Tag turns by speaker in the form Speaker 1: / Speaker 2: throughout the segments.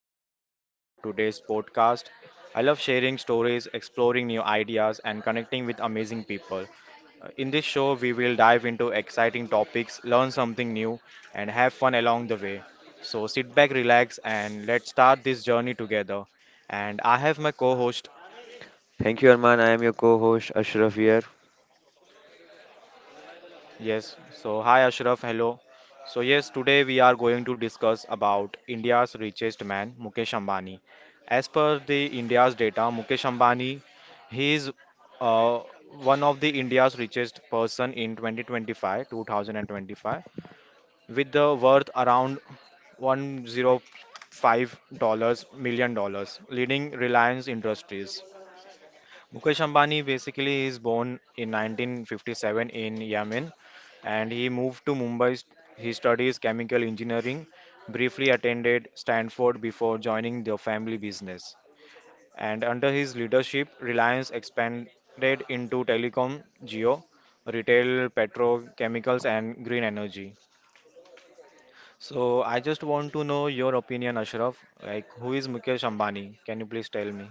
Speaker 1: will be your host for today's podcast. I love sharing stories, exploring new ideas, and connecting with amazing people. In this show, we will dive into exciting topics, learn something new, and have fun along the way. So sit back, relax, and let's start this journey together. And I have my co host.
Speaker 2: Thank you, Arman. I am your co-host Ashraf here.
Speaker 1: Yes, so hi Ashraf, hello. So yes, today we are going to discuss about India's richest man, Mukesh Ambani. As per the India's data, Mukesh Ambani, he is uh, one of the India's richest person in 2025, with the worth around 105 dollars million dollars, leading Reliance Industries. Mukesh Ambani basically is born in 1957 in Yemen and he moved to Mumbai. He studies chemical engineering, briefly attended Stanford before joining the family business. And under his leadership, Reliance expanded into telecom, geo, retail, petrochemicals, and green energy. So I just want to know your opinion, Ashraf. Like, who is Mukesh Ambani? Can you please tell me?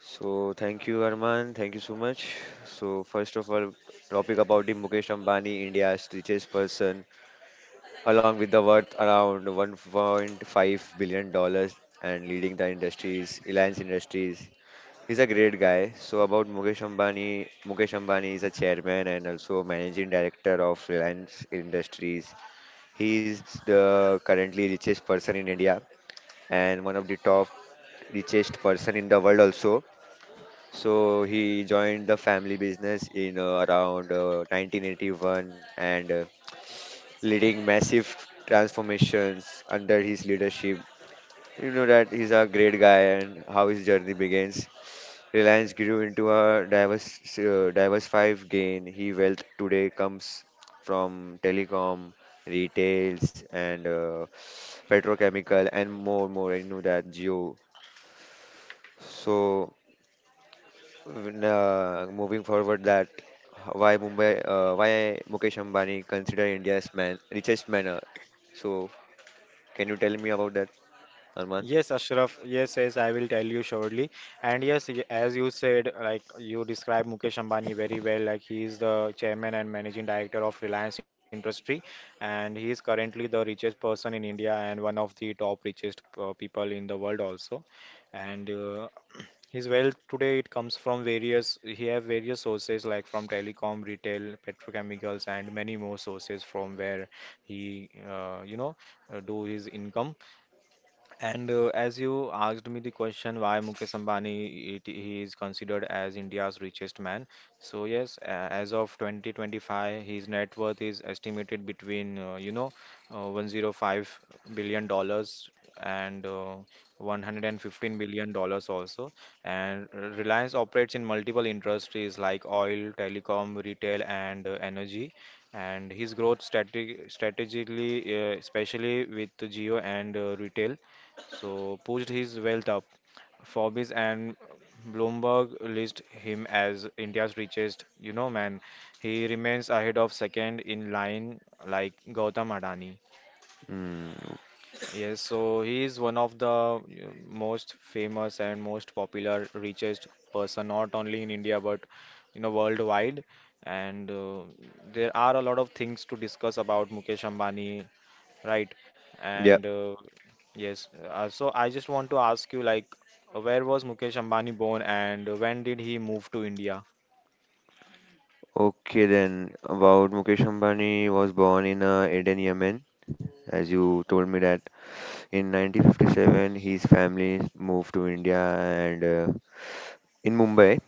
Speaker 2: So thank you, Arman. Thank you so much. So first of all, topic about the Mukesh Ambani, India's richest person, along with the worth around 1.5 billion dollars and leading the industries, Reliance Industries. He's a great guy. So about Mukesh Ambani, Mukesh Ambani is a chairman and also managing director of Reliance Industries. He is the currently richest person in India and one of the top richest person in the world also. So he joined the family business in around 1981 and leading massive transformations under his leadership. You know that he's a great guy and how his journey begins. Reliance grew into a diverse, diversified gain. He wealth today comes from telecom, retails, and petrochemical, and more, more. I know that geo. So when, moving forward, that why Mumbai, why Mukesh Ambani consider India's man richest man. So can you tell me about that, Arman?
Speaker 1: Yes, Ashraf. Yes, yes, I will tell you shortly. And yes, as you said, like you described Mukesh Ambani very well, like he is the chairman and managing director of Reliance Industry, and he is currently the richest person in India and one of the top richest people in the world also. And his wealth today it comes from various he have various sources like from telecom, retail, petrochemicals, and many more sources from where he do his income and as you asked me the question why Mukesh Ambani, he is considered as India's richest man. So yes, as of 2025, his net worth is estimated between 105 billion dollars and 115 billion dollars also. And Reliance operates in multiple industries like oil, telecom, retail, and energy. And his growth strategically, especially with Geo and retail. So pushed his wealth up. Forbes and Bloomberg list him as India's richest. You know, man, he remains ahead of second in line like Gautam Adani.
Speaker 2: Mm.
Speaker 1: Yes, so he is one of the most famous and most popular richest person, not only in India but you know worldwide. And there are a lot of things to discuss about Mukesh Ambani, right.
Speaker 2: Yeah.
Speaker 1: And yes, so I just want to ask you like where was Mukesh Ambani born and when did he move to India?
Speaker 2: Okay, then about Mukesh Ambani was born in Aden, Yemen. As you told me that in 1957, his family moved to India and in Mumbai.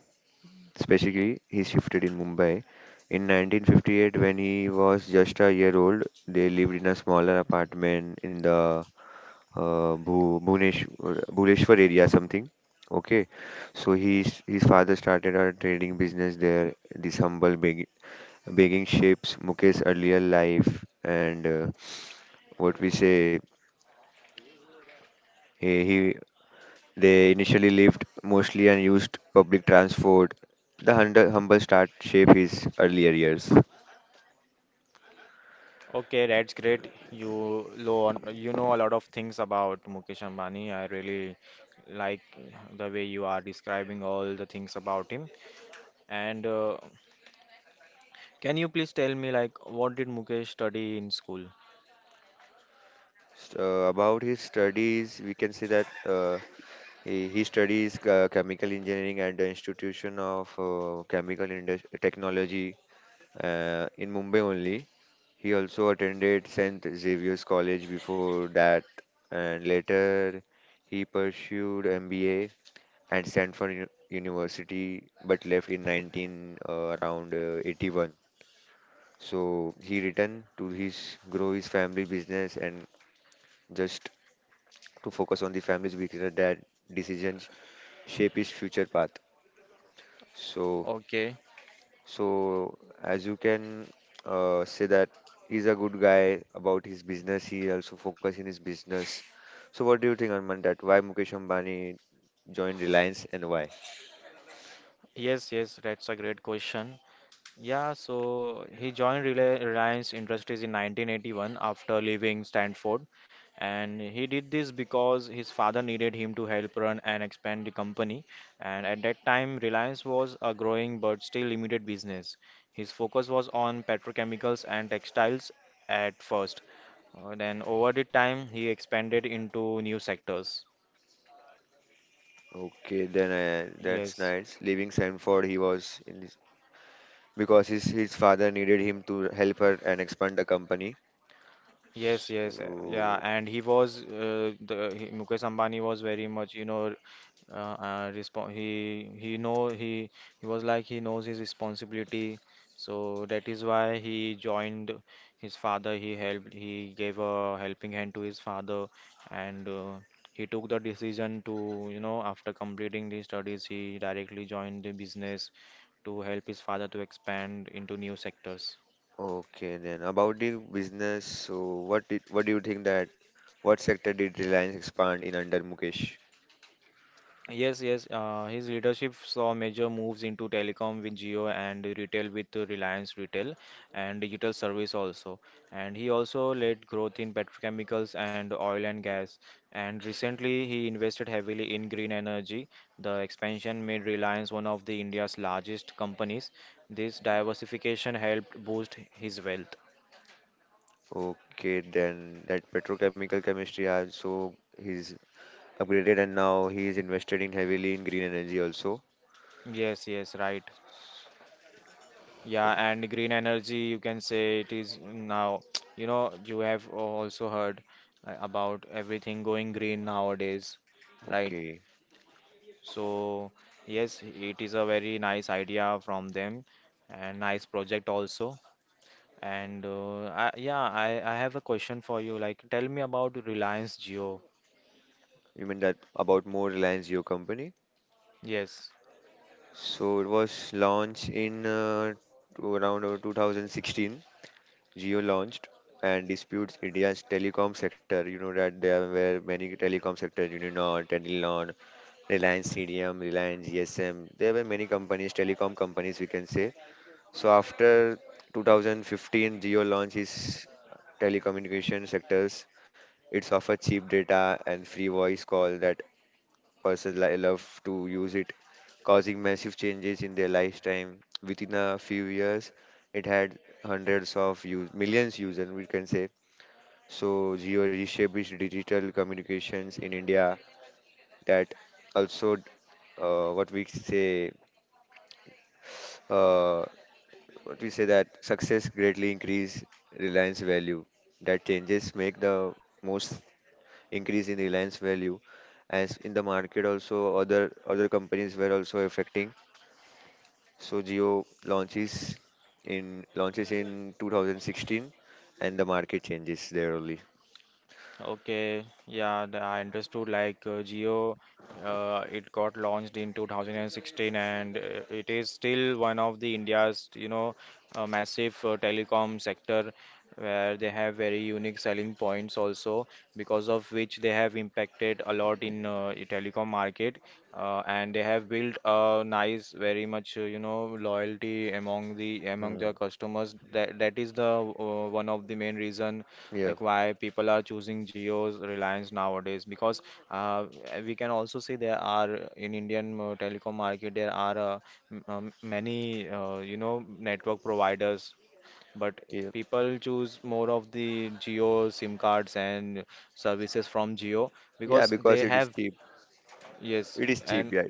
Speaker 2: Specifically, he shifted in Mumbai. In 1958, when he was just a year old, they lived in a smaller apartment in the Bhuneshwar, Bhuleshwar area, something. Okay, so his father started a trading business there. This humble begging shapes Mukesh's earlier life, and what we say, he they initially lived mostly and used public transport. The humble, humble start shape his earlier years.
Speaker 1: Okay, that's great. You know a lot of things about Mukesh Ambani. I really like the way you are describing all the things about him. And can you please tell me like what did Mukesh study in school?
Speaker 2: About his studies, we can say that he studies chemical engineering at the Institution of Technology in Mumbai only. He also attended St. Xavier's College before that, and later he pursued MBA at University, but left in 19 uh, around 81. So he returned to his family business and just to focus on the family's weakness that decisions shape his future path. So,
Speaker 1: Okay.
Speaker 2: so as you can say that he's a good guy about his business. He also focus in his business. So, what do you think, Arman? That why Mukesh Ambani joined Reliance and why?
Speaker 1: Yes, yes, that's a great question. Yeah, so he joined Reliance Industries in 1981 after leaving Stanford. And he did this because his father needed him to help run and expand the company. And at that time, Reliance was a growing but still limited business. His focus was on petrochemicals and textiles at first. Then, over the time, he expanded into new sectors.
Speaker 2: Okay, then that's
Speaker 1: Yes,
Speaker 2: nice. Leaving Sanford, he was in his, because his father needed him to help her and expand the company.
Speaker 1: yes,
Speaker 2: So,
Speaker 1: yeah, and he was Mukesh Ambani was very much you know respon he know he was like he knows his responsibility, so that is why he joined his father, he helped, he gave a helping hand to his father, and he took the decision to you know after completing the studies he directly joined the business to help his father to expand into new sectors.
Speaker 2: okay, then about the business, so what did what do you think that what sector did Reliance expand in under Mukesh?
Speaker 1: Yes, yes. His leadership saw major moves into telecom with Geo and retail with Reliance Retail and digital service also. And he also led growth in petrochemicals and oil and gas. And recently, he invested heavily in green energy. The expansion made Reliance one of the India's largest companies. This diversification helped boost his wealth.
Speaker 2: Okay, then that petrochemical chemistry has so he's upgraded and now he is invested in heavily in green energy also.
Speaker 1: Yes, yes, right. Yeah,
Speaker 2: Sorry.
Speaker 1: and green energy, you can say it is now, you know, you have also heard about everything going green nowadays, right?
Speaker 2: Okay,
Speaker 1: So, yes, it is a very nice idea from them and nice project also. And yeah, I have a question for you. Like, tell me about Reliance Jio.
Speaker 2: you mean that about more Reliance Jio company?
Speaker 1: Yes.
Speaker 2: So it was launched in to around 2016 Geo launched and disputes India's telecom sector. You know that there were many telecom sectors, Uninor, Telenor, Reliance CDM, Reliance GSM. There were many companies, telecom companies, we can say. So after 2015, Geo launched its telecommunication sectors. It's offer cheap data and free voice call that love to use it, causing massive changes in their lifetime. Within a few years, it had hundreds of use, millions users, we can say. So Geo reshaped its digital communications in India that also uh, what we say uh, what we say that success greatly increase reliance value that changes make the most increase in reliance value as in the market also other companies were also affecting. So Jio launches in 2016 and the market changes there only.
Speaker 1: Okay, yeah, I understood. Like Jio, it got launched in 2016, and it is still one of the India's, you know, massive telecom sector where they have very unique selling points also, because of which they have impacted a lot in telecom market, and they have built a nice, very much, you know, loyalty among
Speaker 2: Hmm.
Speaker 1: their customers. That is the one of the main reason
Speaker 2: Yeah.
Speaker 1: like why people are choosing Geo's Reliance nowadays because uh, we can also see there are in Indian telecom market there are many you know network providers but
Speaker 2: Yeah.
Speaker 1: people choose more of the Geo SIM cards and services from Geo
Speaker 2: Yeah,
Speaker 1: because
Speaker 2: because
Speaker 1: they
Speaker 2: it is
Speaker 1: have
Speaker 2: cheap.
Speaker 1: yes
Speaker 2: It is cheap,
Speaker 1: and
Speaker 2: yeah.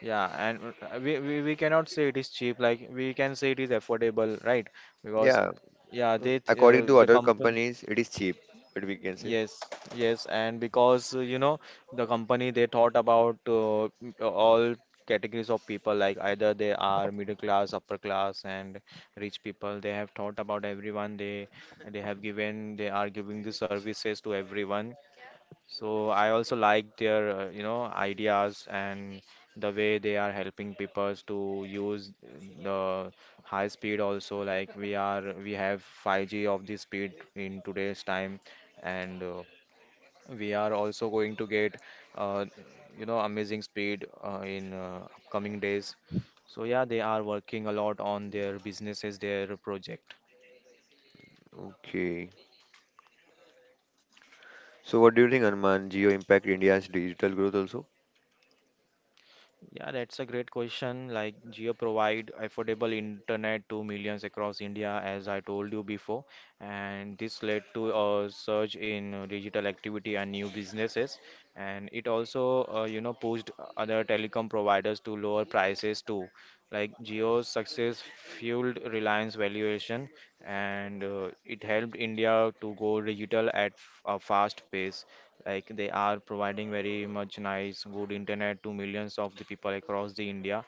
Speaker 1: yeah and we cannot say it is cheap like we can say it is affordable, right? Because
Speaker 2: Yeah.
Speaker 1: yeah
Speaker 2: Mm, according to
Speaker 1: the
Speaker 2: other
Speaker 1: company.
Speaker 2: companies, it is cheap, but we can say.
Speaker 1: Yes, yes, and because you know the company they thought about all categories of people like either they are middle class, upper class, and rich people. They have thought about everyone. They have given they are giving the services to everyone. So I also like their you know ideas and the way they are helping people to use the high speed also like we have 5G of the speed in today's time and we are also going to get, uh, you know, amazing speed in upcoming days. So yeah, they are working a lot on their businesses, their project.
Speaker 2: Okay. So what do you think, Anuman? Jio impact India's digital growth also?
Speaker 1: Yeah, that's a great question. Like Jio provide affordable internet to millions across India, as I told you before, and this led to a surge in digital activity and new businesses. And it also, you know, pushed other telecom providers to lower prices too. Like Jio's success fueled Reliance valuation, and it helped India to go digital at a fast pace like they are providing very much nice good internet to millions of the people across the India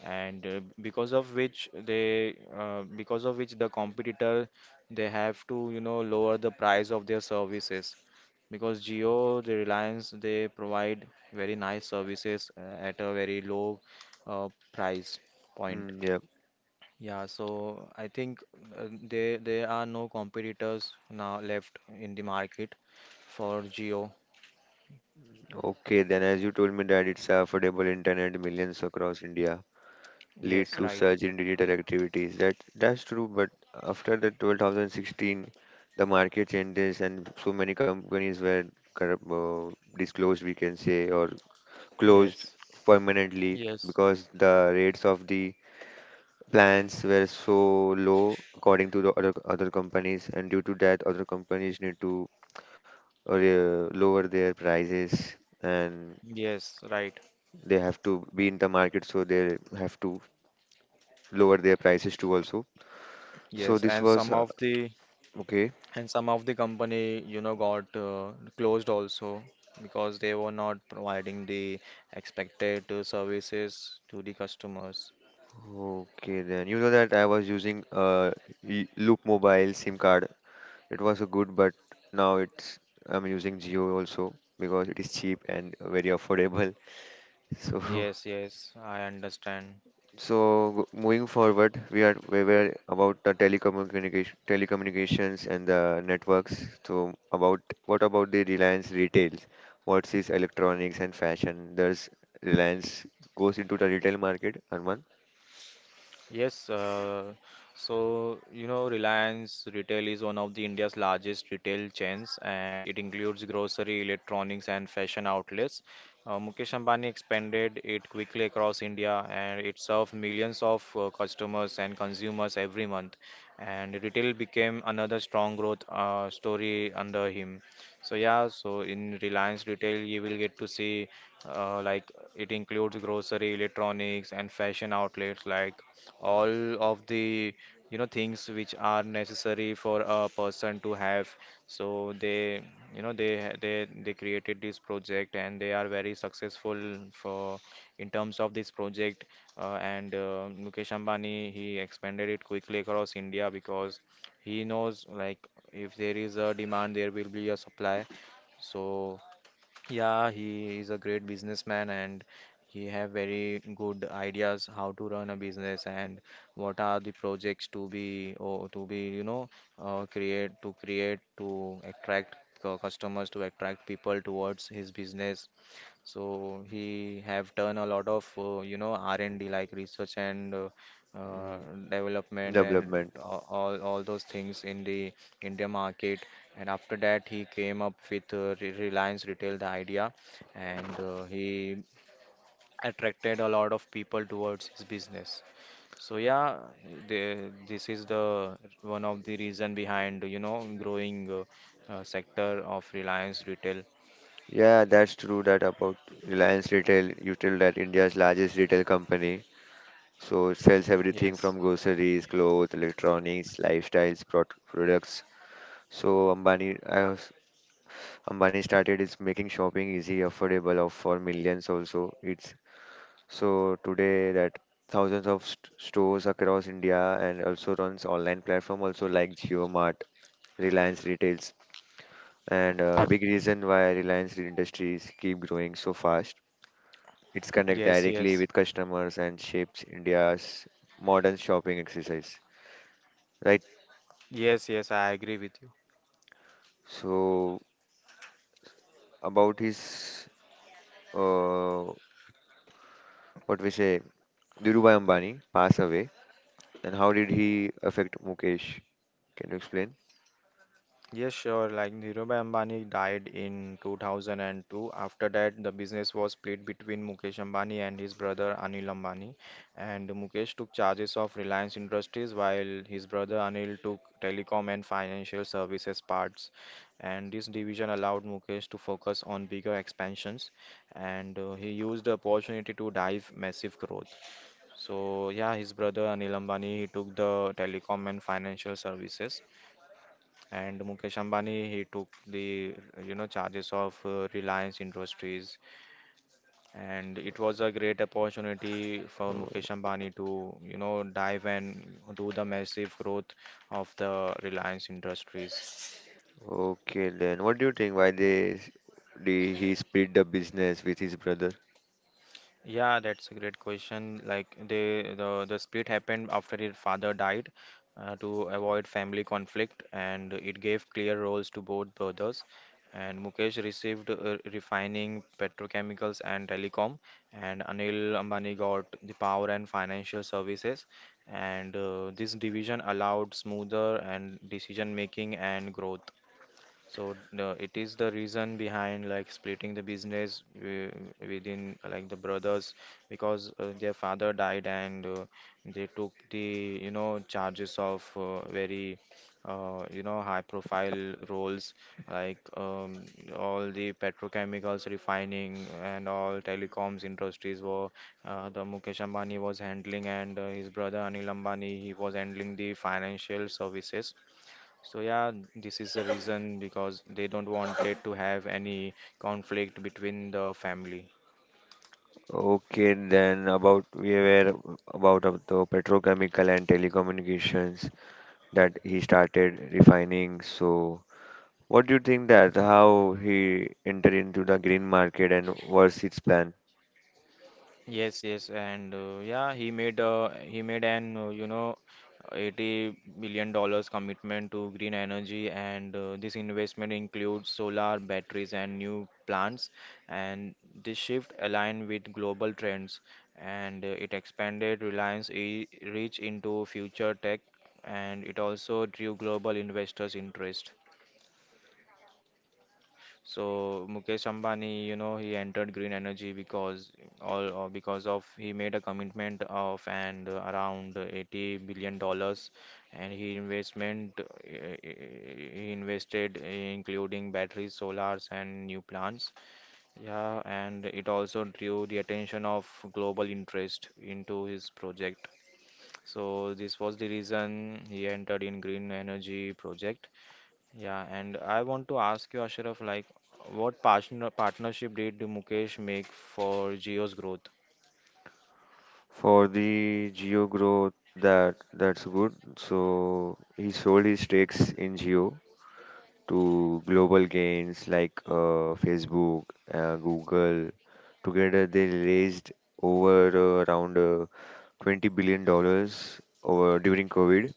Speaker 1: and because of which the competitor they have to you know lower the price of their services because Geo the Reliance they provide very nice services at a very low price point.
Speaker 2: Hmm, yeah.
Speaker 1: Yeah so I think there are no competitors now left in the market for Jio.
Speaker 2: Okay, then as you told me that it's affordable internet millions across India. Lead
Speaker 1: Yes,
Speaker 2: to
Speaker 1: right.
Speaker 2: surge in digital activities. That that's true, but after the 2016, the market changes and so many companies were corrupt, disclosed, we can say, or closed
Speaker 1: Yes.
Speaker 2: permanently
Speaker 1: Yes.
Speaker 2: because the rates of the plans were so low according to the other companies, and due to that, other companies need to lower their prices and
Speaker 1: Yes, right.
Speaker 2: they have to be in the market, so they have to lower their prices too also. So
Speaker 1: Yes,
Speaker 2: this was okay,
Speaker 1: and some of the company, you know, got closed also because they were not providing the expected services to the customers.
Speaker 2: okay then. You know that I was using Loop Mobile SIM card. It was a good, but now it's I'm using Jio also because it is cheap and very affordable. So
Speaker 1: Yes, yes, I understand.
Speaker 2: so moving forward, we are we were about the telecommunications and the networks. So about what about the Reliance retails? What's is electronics and fashion? There's Reliance goes into the retail market, Arman.
Speaker 1: Yes, so you know, Reliance Retail is one of the India's largest retail chains, and it includes grocery, electronics, and fashion outlets. Mukesh Ambani expanded it quickly across India, and it served millions of customers and consumers every month. And retail became another strong growth story under him. So yeah, so in Reliance Retail, you will get to see like it includes grocery, electronics, and fashion outlets like all of the you know things which are necessary for a person to have. So they you know they ha- they created this project and they are very successful for in terms of this project. And Mukesh Ambani he expanded it quickly across India because he knows like if there is a demand there will be a supply. So yeah, he is a great businessman and he have very good ideas how to run a business and what are the projects to be you know create to attract customers, to attract people towards his business. So he have done a lot of you know R&D, like research and uh,
Speaker 2: Mm,
Speaker 1: development and
Speaker 2: development.
Speaker 1: all those things in the India market. And after that, he came up with Reliance Retail, the idea, and he attracted a lot of people towards his business. So yeah, this is the one of the reason behind, you know, growing sector of Reliance Retail.
Speaker 2: Yeah, that's true that about Reliance Retail, you tell that India's largest retail company. So it sells everything
Speaker 1: Yes,
Speaker 2: from groceries, clothes, electronics, lifestyles, products. So Ambani, I was, Ambani started is making shopping easy, affordable of for millions also. It's so today that thousands of st stores across India and also runs online platform also like JioMart, Reliance Retails. And a big reason why Reliance industries keep growing so fast. It's connect
Speaker 1: yes,
Speaker 2: directly
Speaker 1: yes,
Speaker 2: with customers and shapes India's modern shopping exercise, right?
Speaker 1: yes. I agree with you.
Speaker 2: So about his uh, what we say, Dhirubhai Ambani pass away, and how did he affect Mukesh? Can you explain?
Speaker 1: Yes, sure. Like Dhirubhai Ambani died in 2002. After that, the business was split between Mukesh Ambani and his brother Anil Ambani. And Mukesh took charges of Reliance Industries while his brother Anil took telecom and financial services parts. And this division allowed Mukesh to focus on bigger expansions and he used the opportunity to drive massive growth. So, yeah, his brother Anil Ambani, he took the telecom and financial services, and Mukesh Ambani he took the charges of Reliance Industries. And it was a great opportunity for
Speaker 2: Uh,
Speaker 1: Mukesh Ambani to dive and do the massive growth of the Reliance Industries.
Speaker 2: okay, then what do you think? Why they did he split the business with his brother?
Speaker 1: Yeah, that's a great question. Like the split happened after his father died, to avoid family conflict, and it gave clear roles to both brothers. And Mukesh received refining, petrochemicals, and telecom, and Anil Ambani got the power and financial services. And this division allowed smoother and decision making and growth. So it is the reason behind like splitting the business within like the brothers, because their father died, and they took the charges of very high profile roles, like all the petrochemicals refining and all telecoms industries were the Mukesh Ambani was handling, and his brother Anil Ambani he was handling the financial services. So yeah, this is the reason, because they don't want it to have any conflict between the family.
Speaker 2: Okay, then about we were about of the petrochemical and telecommunications that he started refining. So, what do you think that how he entered into the green market and what's its plan?
Speaker 1: Yes, yes, and yeah, he made an $80 billion commitment to green energy, and this investment includes solar batteries and new plants, and this shift aligned with global trends, and it expanded Reliance e reach into future tech, and it also drew global investors' interest. So Mukesh Ambani, he entered green energy because all, or because of he made a commitment of and around $80 billion, and he invested, including batteries, solars, and new plants. Yeah, and it also drew the attention of global interest into his project. So this was the reason he entered in green energy project. Yeah, and I want to ask you, Ashraf, like, what partnership did Mukesh make for Jio's growth?
Speaker 2: For the Geo growth, that that's good. So he sold his stakes in Geo to global gains like Facebook, Google. Together they raised over around 20 billion dollars over during COVID.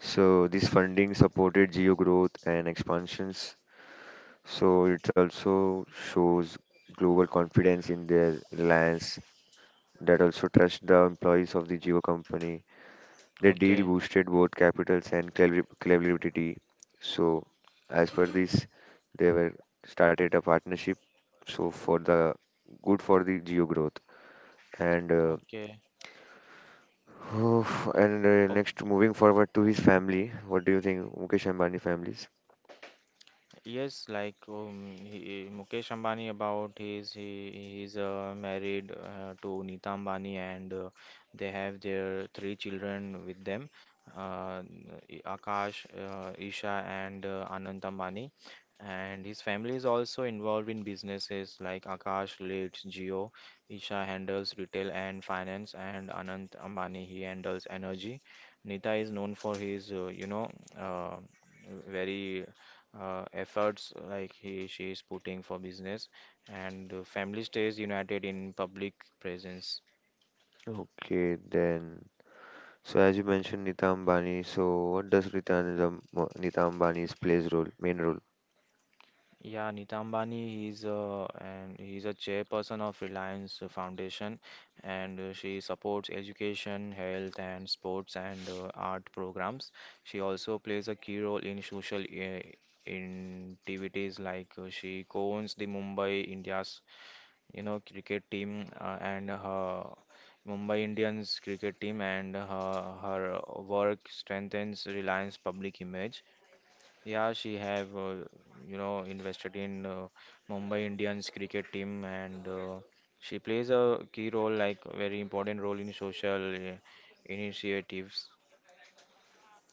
Speaker 2: So this funding supported geo growth and expansions. So it also shows global confidence in their reliance that also trust the employees of the Geo company. The deal
Speaker 1: Okay.
Speaker 2: boosted both capitals and cleverity. So as per this, they were started a partnership. So for the good for the Geo growth and.
Speaker 1: Okay.
Speaker 2: And next, moving forward to his family, what do you think, Mukesh Ambani families?
Speaker 1: Yes, like he, Mukesh Ambani about his he he's married to Nita Ambani, and they have their three children with them: uh, Akash, Isha, and Anant Ambani. And his family is also involved in businesses, like Akash leads Geo, Isha handles retail and finance, and Anant Ambani he handles energy. Nita is known for his uh, very efforts like he she is putting for business, and the family stays united in public presence.
Speaker 2: Okay, then. So as you mentioned Nita Ambani, so what does Nita Ambani's plays role, main role?
Speaker 1: Yeah, Nitam Ambani is a and he's a chairperson of Reliance Foundation, and she supports education, health, and sports, and art programs. She also plays a key role in social in activities, like she co-owns the Mumbai India's, cricket team, and her Mumbai Indians cricket team, and her work strengthens Reliance public image. Yeah, she have invested in Mumbai Indians cricket team, and she plays a key role, like very important role in social initiatives.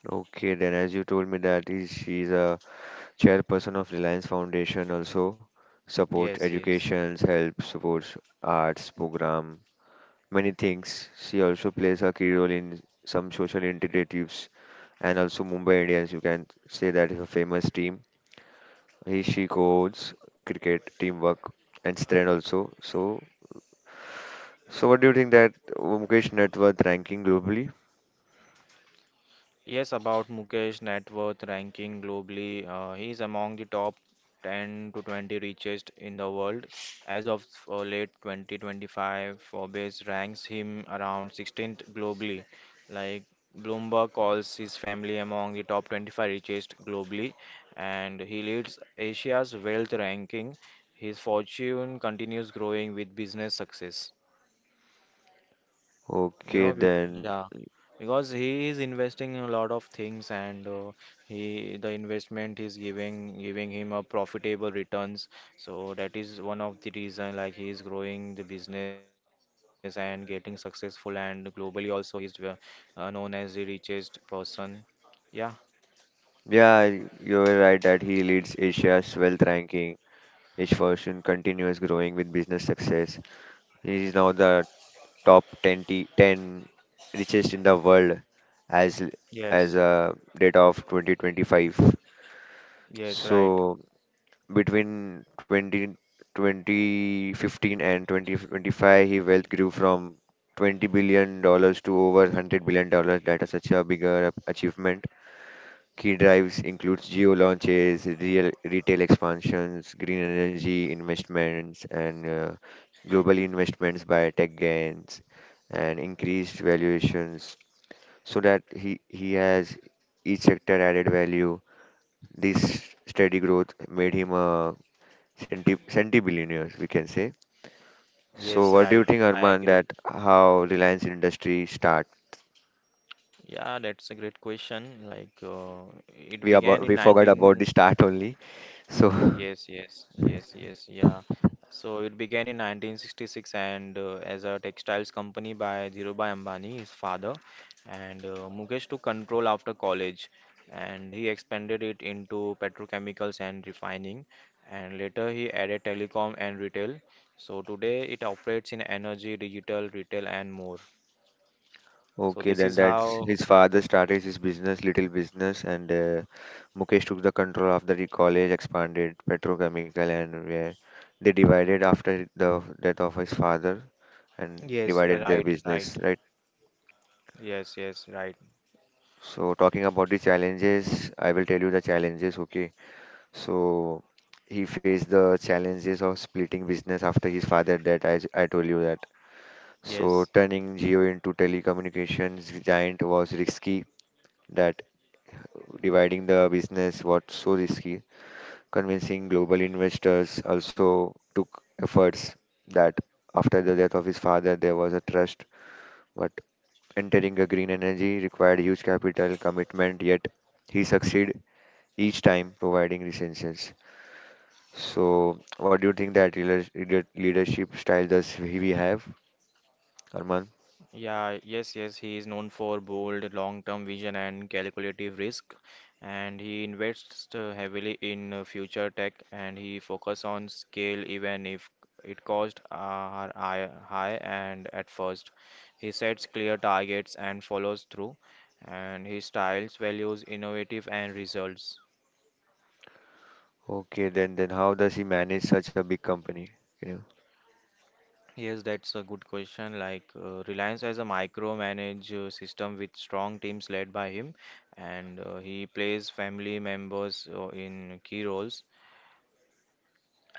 Speaker 2: Okay, then as you told me that is she's a chairperson of Reliance Foundation also supports
Speaker 1: Yes, yes.
Speaker 2: education, help, supports arts program, many things. She also plays a key role in some social initiatives and also Mumbai Indians. You can say that is a famous team. He she codes cricket teamwork and strength also. So so what do you think that Mukesh net worth ranking globally?
Speaker 1: Yes, about Mukesh net worth ranking globally, he is among the top 10 to 20 richest in the world. As of late 2025, Forbes ranks him around 16th globally. Like Bloomberg calls his family among the top 25 richest globally, and he leads Asia's wealth ranking. His fortune continues growing with business success. You
Speaker 2: Okay,
Speaker 1: know, bec
Speaker 2: then
Speaker 1: yeah, because he is investing in a lot of things, and he the investment is giving him a profitable returns. So that is one of the reason, like he is growing the business and getting successful, and globally also he is known as the richest person. Yeah.
Speaker 2: yeah, you're right that he leads Asia's wealth ranking. His fortune continues growing with business success. He is now the 10 richest in the world as as
Speaker 1: Yes.
Speaker 2: a data of 2025.
Speaker 1: Yes.
Speaker 2: So
Speaker 1: Right.
Speaker 2: between 20 2015 and 2025, his wealth grew from $20 billion dollars to over $100 billion dollars. That is such a bigger achievement. Key drives includes geo launches, real retail expansions, green energy investments, and global investments by tech gains and increased valuations so that he has each sector added value. This steady growth made him a centi billionaires, we can say. So
Speaker 1: Yes.
Speaker 2: what do
Speaker 1: Right.
Speaker 2: you think,
Speaker 1: I
Speaker 2: Arman,
Speaker 1: agree.
Speaker 2: that how Reliance industry start?
Speaker 1: Yeah, that's a great question. Like, it
Speaker 2: We
Speaker 1: began
Speaker 2: about
Speaker 1: in
Speaker 2: we forgot about
Speaker 1: 19.
Speaker 2: the start only. So
Speaker 1: Yes, yes, yes, yes, yeah. So it began in 1966, and as a textiles company by Dhirubhai Ambani, his father. And Mukesh took control after college, and he expanded it into petrochemicals and refining, and later he added telecom and retail. So today it operates in energy, digital, retail, and more. So
Speaker 2: okay,
Speaker 1: this
Speaker 2: then
Speaker 1: is
Speaker 2: that's
Speaker 1: how.
Speaker 2: his father started his business, little business, and Mukesh took the control after the college expanded petrochemical, and where they divided after the death of his father and
Speaker 1: Yes,
Speaker 2: divided their
Speaker 1: right, right.
Speaker 2: business, right?
Speaker 1: Yes, yes, right.
Speaker 2: So talking about the challenges, I will tell you the challenges, okay? So he faced the challenges of splitting business after his father died. I told you that. So
Speaker 1: Yes.
Speaker 2: turning Jio into telecommunications giant was risky. That dividing the business was so risky. Convincing global investors also took efforts. That after the death of his father, there was a trust. But entering a green energy required huge capital commitment. Yet he succeeded each time providing essentials. So, what do you think that leadership style does he we have, Arman?
Speaker 1: Yeah, yes, yes, he is known for bold long-term vision and calculative risk, and he invests heavily in future tech, and he focus on scale even if it cost are high, and at first. He sets clear targets and follows through, and his styles values innovative and results.
Speaker 2: Okay, then how does he manage such a big company? Can you-
Speaker 1: Yes, that's a good question. Like Reliance has a micromanage system with strong teams led by him, and he plays family members in key roles,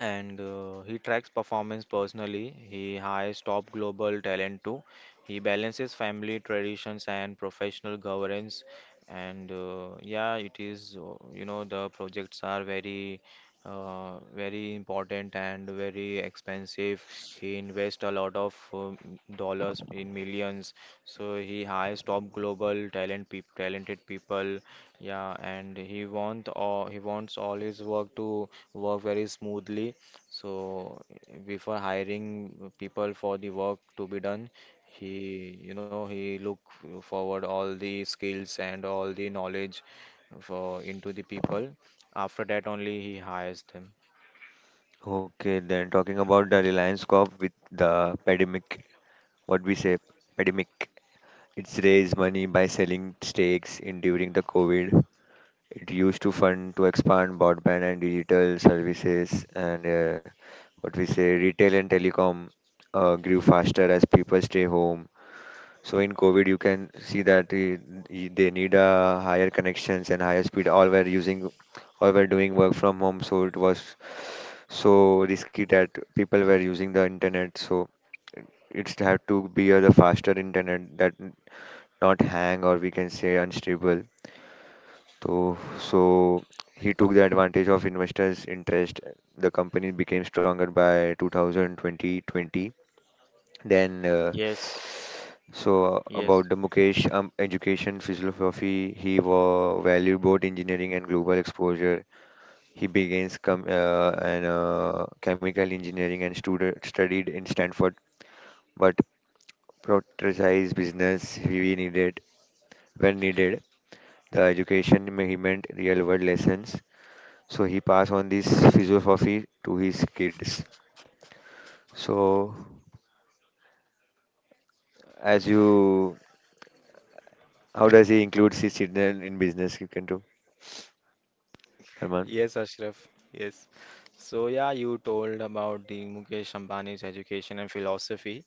Speaker 1: and he tracks performance personally. He hires top global talent too. He balances family traditions and professional governance. And yeah, it is, you know, the projects are very, very important and very expensive. He invests a lot of dollars in millions. So he hires top global talent, peop talented people. Yeah, and he wants all his work to work very smoothly. So before hiring people for the work to be done, he you know he look forward all the skills and all the knowledge for into the people. After that only he hires them.
Speaker 2: okay, then talking about the Reliance Corp with the pandemic, what we say, pandemic. It's raised money by selling stakes in during the COVID. It used to fund to expand broadband and digital services, and what we say, retail and telecom grew faster as people stay home. So in COVID, you can see that they need higher connections and higher speed. All were using, all were doing work from home, so it was so risky that people were using the internet. So it's had to be a the faster internet that not hang or we can say unstable. So so he took the advantage of investors' interest. The company became stronger by 2020 then,
Speaker 1: Yes,
Speaker 2: so about
Speaker 1: yes.
Speaker 2: the Mukesh education philosophy, he wa valued both engineering and global exposure. He begins com an chemical engineering and student studied in Stanford, but prioritized business he needed when needed. The education he meant real-world lessons, so he passed on this philosophy to his kids. So, as you, how does he include his children in business? You can do, Arman.
Speaker 1: Yes, Ashraf. Yes. So yeah, you told about the Mukesh Ambani's education and philosophy.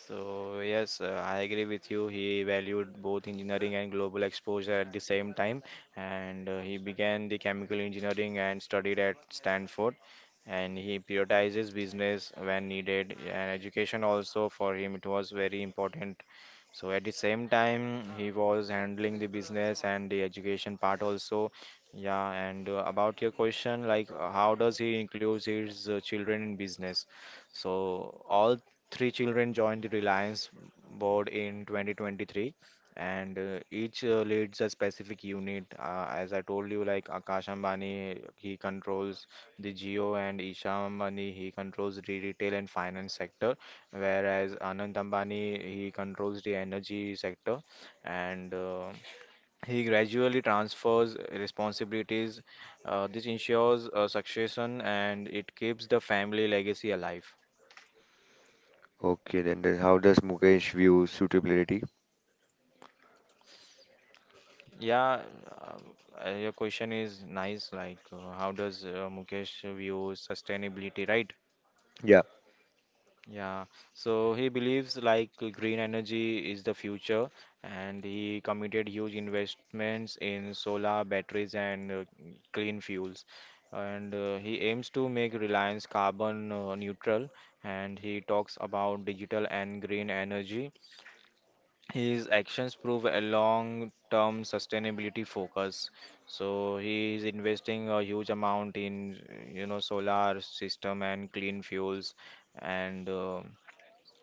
Speaker 1: So, yes, I agree with you. He valued both engineering and global exposure at the same time, and he began the chemical engineering and studied at Stanford. And he prioritizes business when needed, and education also for him it was very important. So at the same time, he was handling the business and the education part also. Yeah, and about your question, like how does he include his children in business? So all three children joined the Reliance board in 2023, and each leads a specific unit. As I told you, like Akash Ambani, he controls the Geo, and Isha Ambani, he controls the retail and finance sector, whereas Anand Ambani, he controls the energy sector, and he gradually transfers responsibilities. This ensures succession, and it keeps the family legacy alive.
Speaker 2: Okay, then how does Mukesh view suitability?
Speaker 1: Yeah, your question is nice. Like, how does Mukesh view sustainability, right?
Speaker 2: Yeah,
Speaker 1: Yeah, so he believes like green energy is the future, and he committed huge investments in solar batteries and clean fuels. And he aims to make Reliance carbon neutral, and he talks about digital and green energy. His actions prove a long-term sustainability focus. So he is investing a huge amount in, you know, solar system and clean fuels, and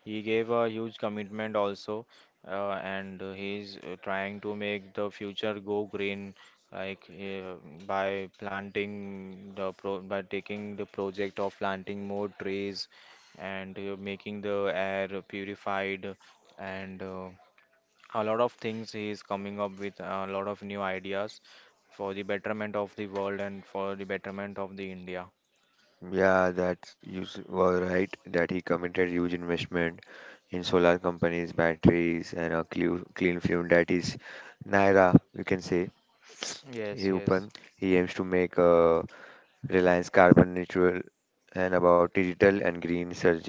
Speaker 1: he gave a huge commitment also, and he's trying to make the future go green, like by planting the pro by taking the project of planting more trees, and making the air purified and. A lot of things he is coming up with a lot of new ideas for the betterment of the world and for the betterment of the India.
Speaker 2: yeah, that were right that he committed huge investment in solar companies, batteries, and a clean, clean fuel. That is Naira, you can say.
Speaker 1: Yes,
Speaker 2: He
Speaker 1: yes.
Speaker 2: open. He aims to make Reliance carbon neutral and about digital and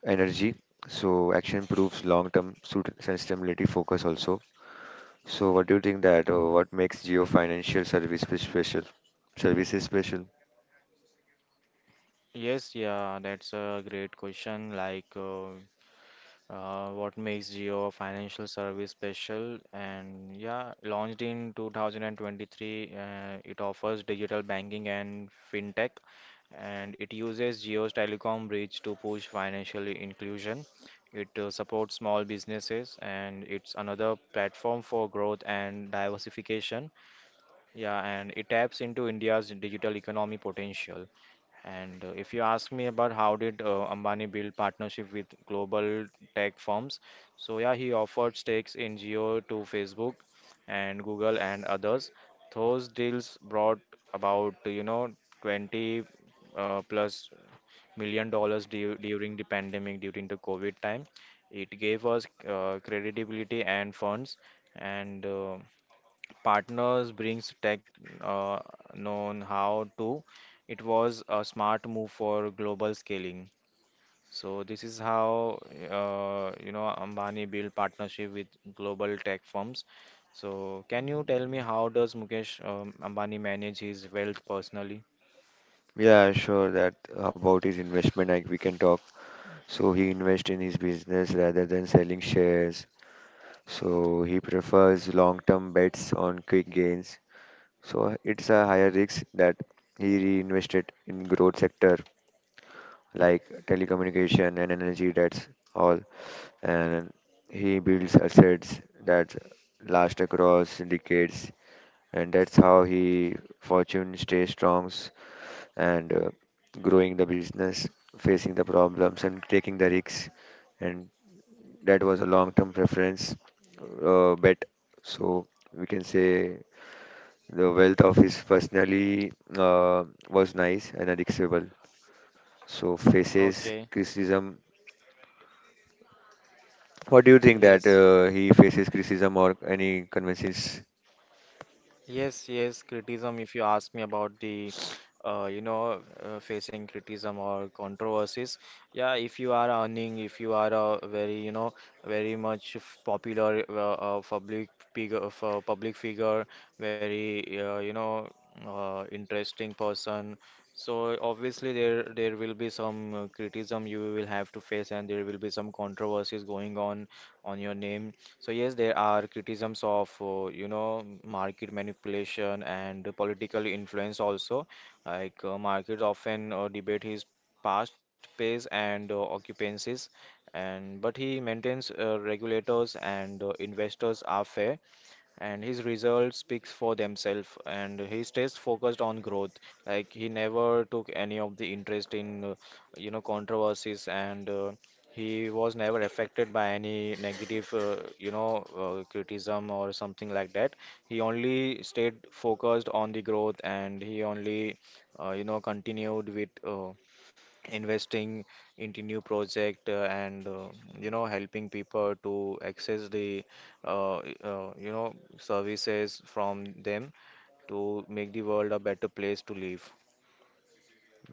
Speaker 2: energy. So action proves long-term sustainability focus also. So what do you think that what makes Geo Financial Services special? Services special?
Speaker 1: Yes, yeah, that's a great question. Like, what makes Jio a financial service special? And yeah, launched in 2023, it offers digital banking and fintech, and it uses Jio's telecom reach to push financial inclusion. It supports small businesses, and it's another platform for growth and diversification. Yeah, and it taps into India's digital economy potential. And if you ask me about how did Ambani build partnership with global tech firms, so yeah, he offered stakes in Geo to Facebook and Google and others. Those deals brought about, you know, 20 plus million dollars du during the pandemic, during the COVID time. It gave us credibility and funds, and partners brings tech uh, known how to. It was a smart move for global scaling. So this is how Ambani built partnership with global tech firms. So can you tell me how does Mukesh Ambani manage his wealth personally?
Speaker 2: Yeah, sure that about his investment like we can talk. So he invests in his business rather than selling shares. So he prefers long-term bets on quick gains. So it's a higher risk that he reinvested in growth sector like telecommunication and energy that's all and he builds assets that last across decades and that's how he fortune stay strong and growing the business facing the problems and taking the risks and that was a long term preference bet so we can say the wealth of his personally was nice and unacceptable so faces
Speaker 1: Okay,
Speaker 2: criticism. What do you think that
Speaker 1: yes.
Speaker 2: he faces criticism or any conventions?
Speaker 1: Yes, yes, criticism. If you ask me about facing criticism or controversies, yeah, if you are earning, if you are a very, you know, popular public figure, public figure, very, interesting person. So obviously there will be some criticism you will have to face, and there will be some controversies going on your name. So yes, there are criticisms of market manipulation and political influence also. Like markets often debate his past pays and occupancies, and but he maintains regulators and investors are fair, and his results speaks for themselves, and he stays focused on growth, like he never took any of the interest in controversies, and he was never affected by any negative criticism or something like that. He only stayed focused on the growth, and he only continued with investing into new project, and helping people to access the uh, uh, you know services from them, to make the world a better place to live.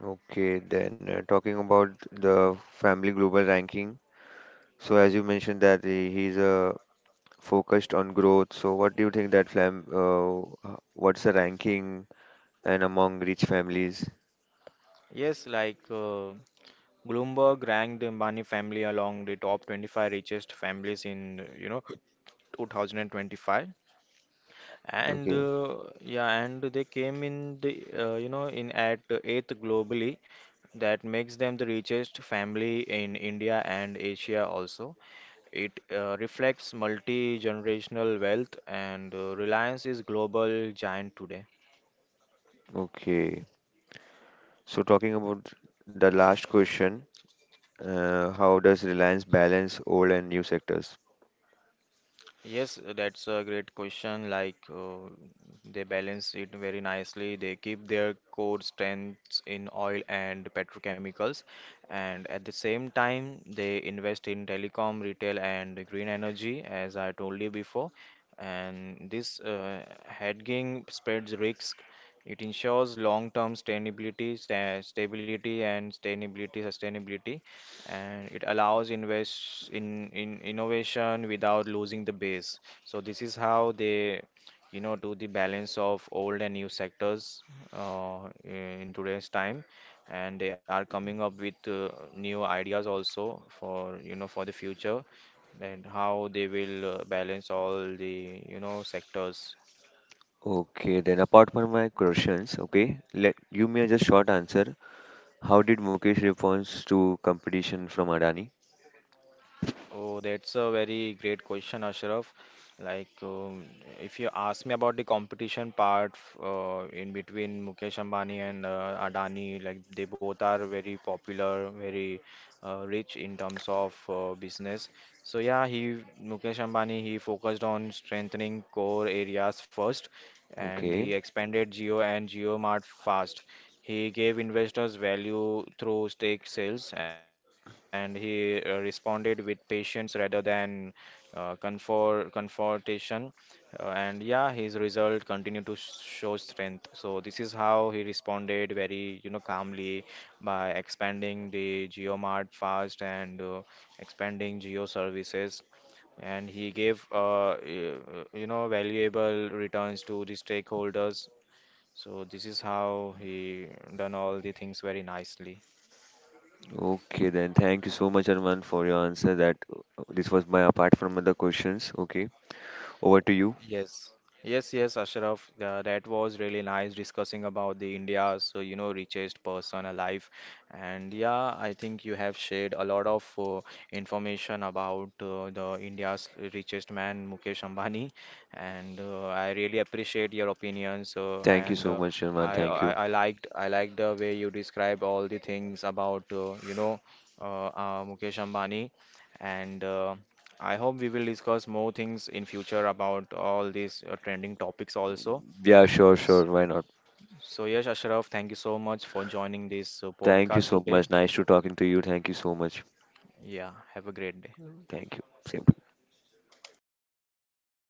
Speaker 2: Okay then talking about the family global ranking. So as you mentioned that he's focused on growth. So what do you think that h- what's the ranking and among rich families?
Speaker 1: Yes, like Bloomberg ranked the Ambani family along the top 25 richest families in, you know, 2025. And
Speaker 2: Okay,
Speaker 1: uh, yeah, and they came in the you know in at eighth globally. That makes them the richest family in India and Asia also. It reflects multi-generational wealth, and Reliance is global giant today.
Speaker 2: okay. So talking about the last question, how does Reliance balance old and new sectors?
Speaker 1: Yes, that's a great question. Like they balance it very nicely. They keep their core strengths in oil and petrochemicals, and at the same time, they invest in telecom, retail, and green energy, as I told you before. And this hedging spreads risk, it ensures long-term stability and sustainability, and it allows invest in innovation without losing the base. So this is how they, you know, do the balance of old and new sectors in today's time, and they are coming up with new ideas also for, you know, for the future, and how they will balance all the, you know, sectors.
Speaker 2: Okay, then apart from my questions, okay, let give me a just short answer. How did Mukesh responds to competition from Adani?
Speaker 1: Oh, that's a very great question, Ashraf. Like, if you ask me about the competition part in between Mukesh Ambani and Adani, like they both are very popular, very rich in terms of business. So yeah, he Mukesh Ambani he focused on strengthening core areas first, and
Speaker 2: Okay.
Speaker 1: he expanded Geo and Geo Mart fast. He gave investors value through stake sales, and he responded with patience rather than confrontation. And yeah, his result continued to show strength. So this is how he responded very, you know, calmly, by expanding the GeoMart fast, and expanding geo services. And he gave, valuable returns to the stakeholders. So this is how he done all the things very nicely.
Speaker 2: Okay, then thank you so much, Arman, for your answer. That this was my apart from other questions. Okay, over to you.
Speaker 1: Yes, yes, yes, Ashraf. That was really nice discussing about the India, so, richest person alive. And yeah, I think you have shared a lot of information about the India's richest man, Mukesh Ambani. And I really appreciate your opinions.
Speaker 2: Thank you
Speaker 1: And
Speaker 2: so much, Arman.
Speaker 1: I,
Speaker 2: Thank
Speaker 1: I
Speaker 2: you.
Speaker 1: I liked I liked the way you describe all the things about Mukesh Ambani. And I hope we will discuss more things in future about all these trending topics also.
Speaker 2: Yeah, sure, sure.
Speaker 1: So,
Speaker 2: Why not?
Speaker 1: so yes, Ashraf, thank you so much for joining this
Speaker 2: Thank you
Speaker 1: podcast
Speaker 2: so
Speaker 1: today.
Speaker 2: much. Nice to talking to you. Thank you so much.
Speaker 1: Yeah, have a great day.
Speaker 2: Thank you. Same.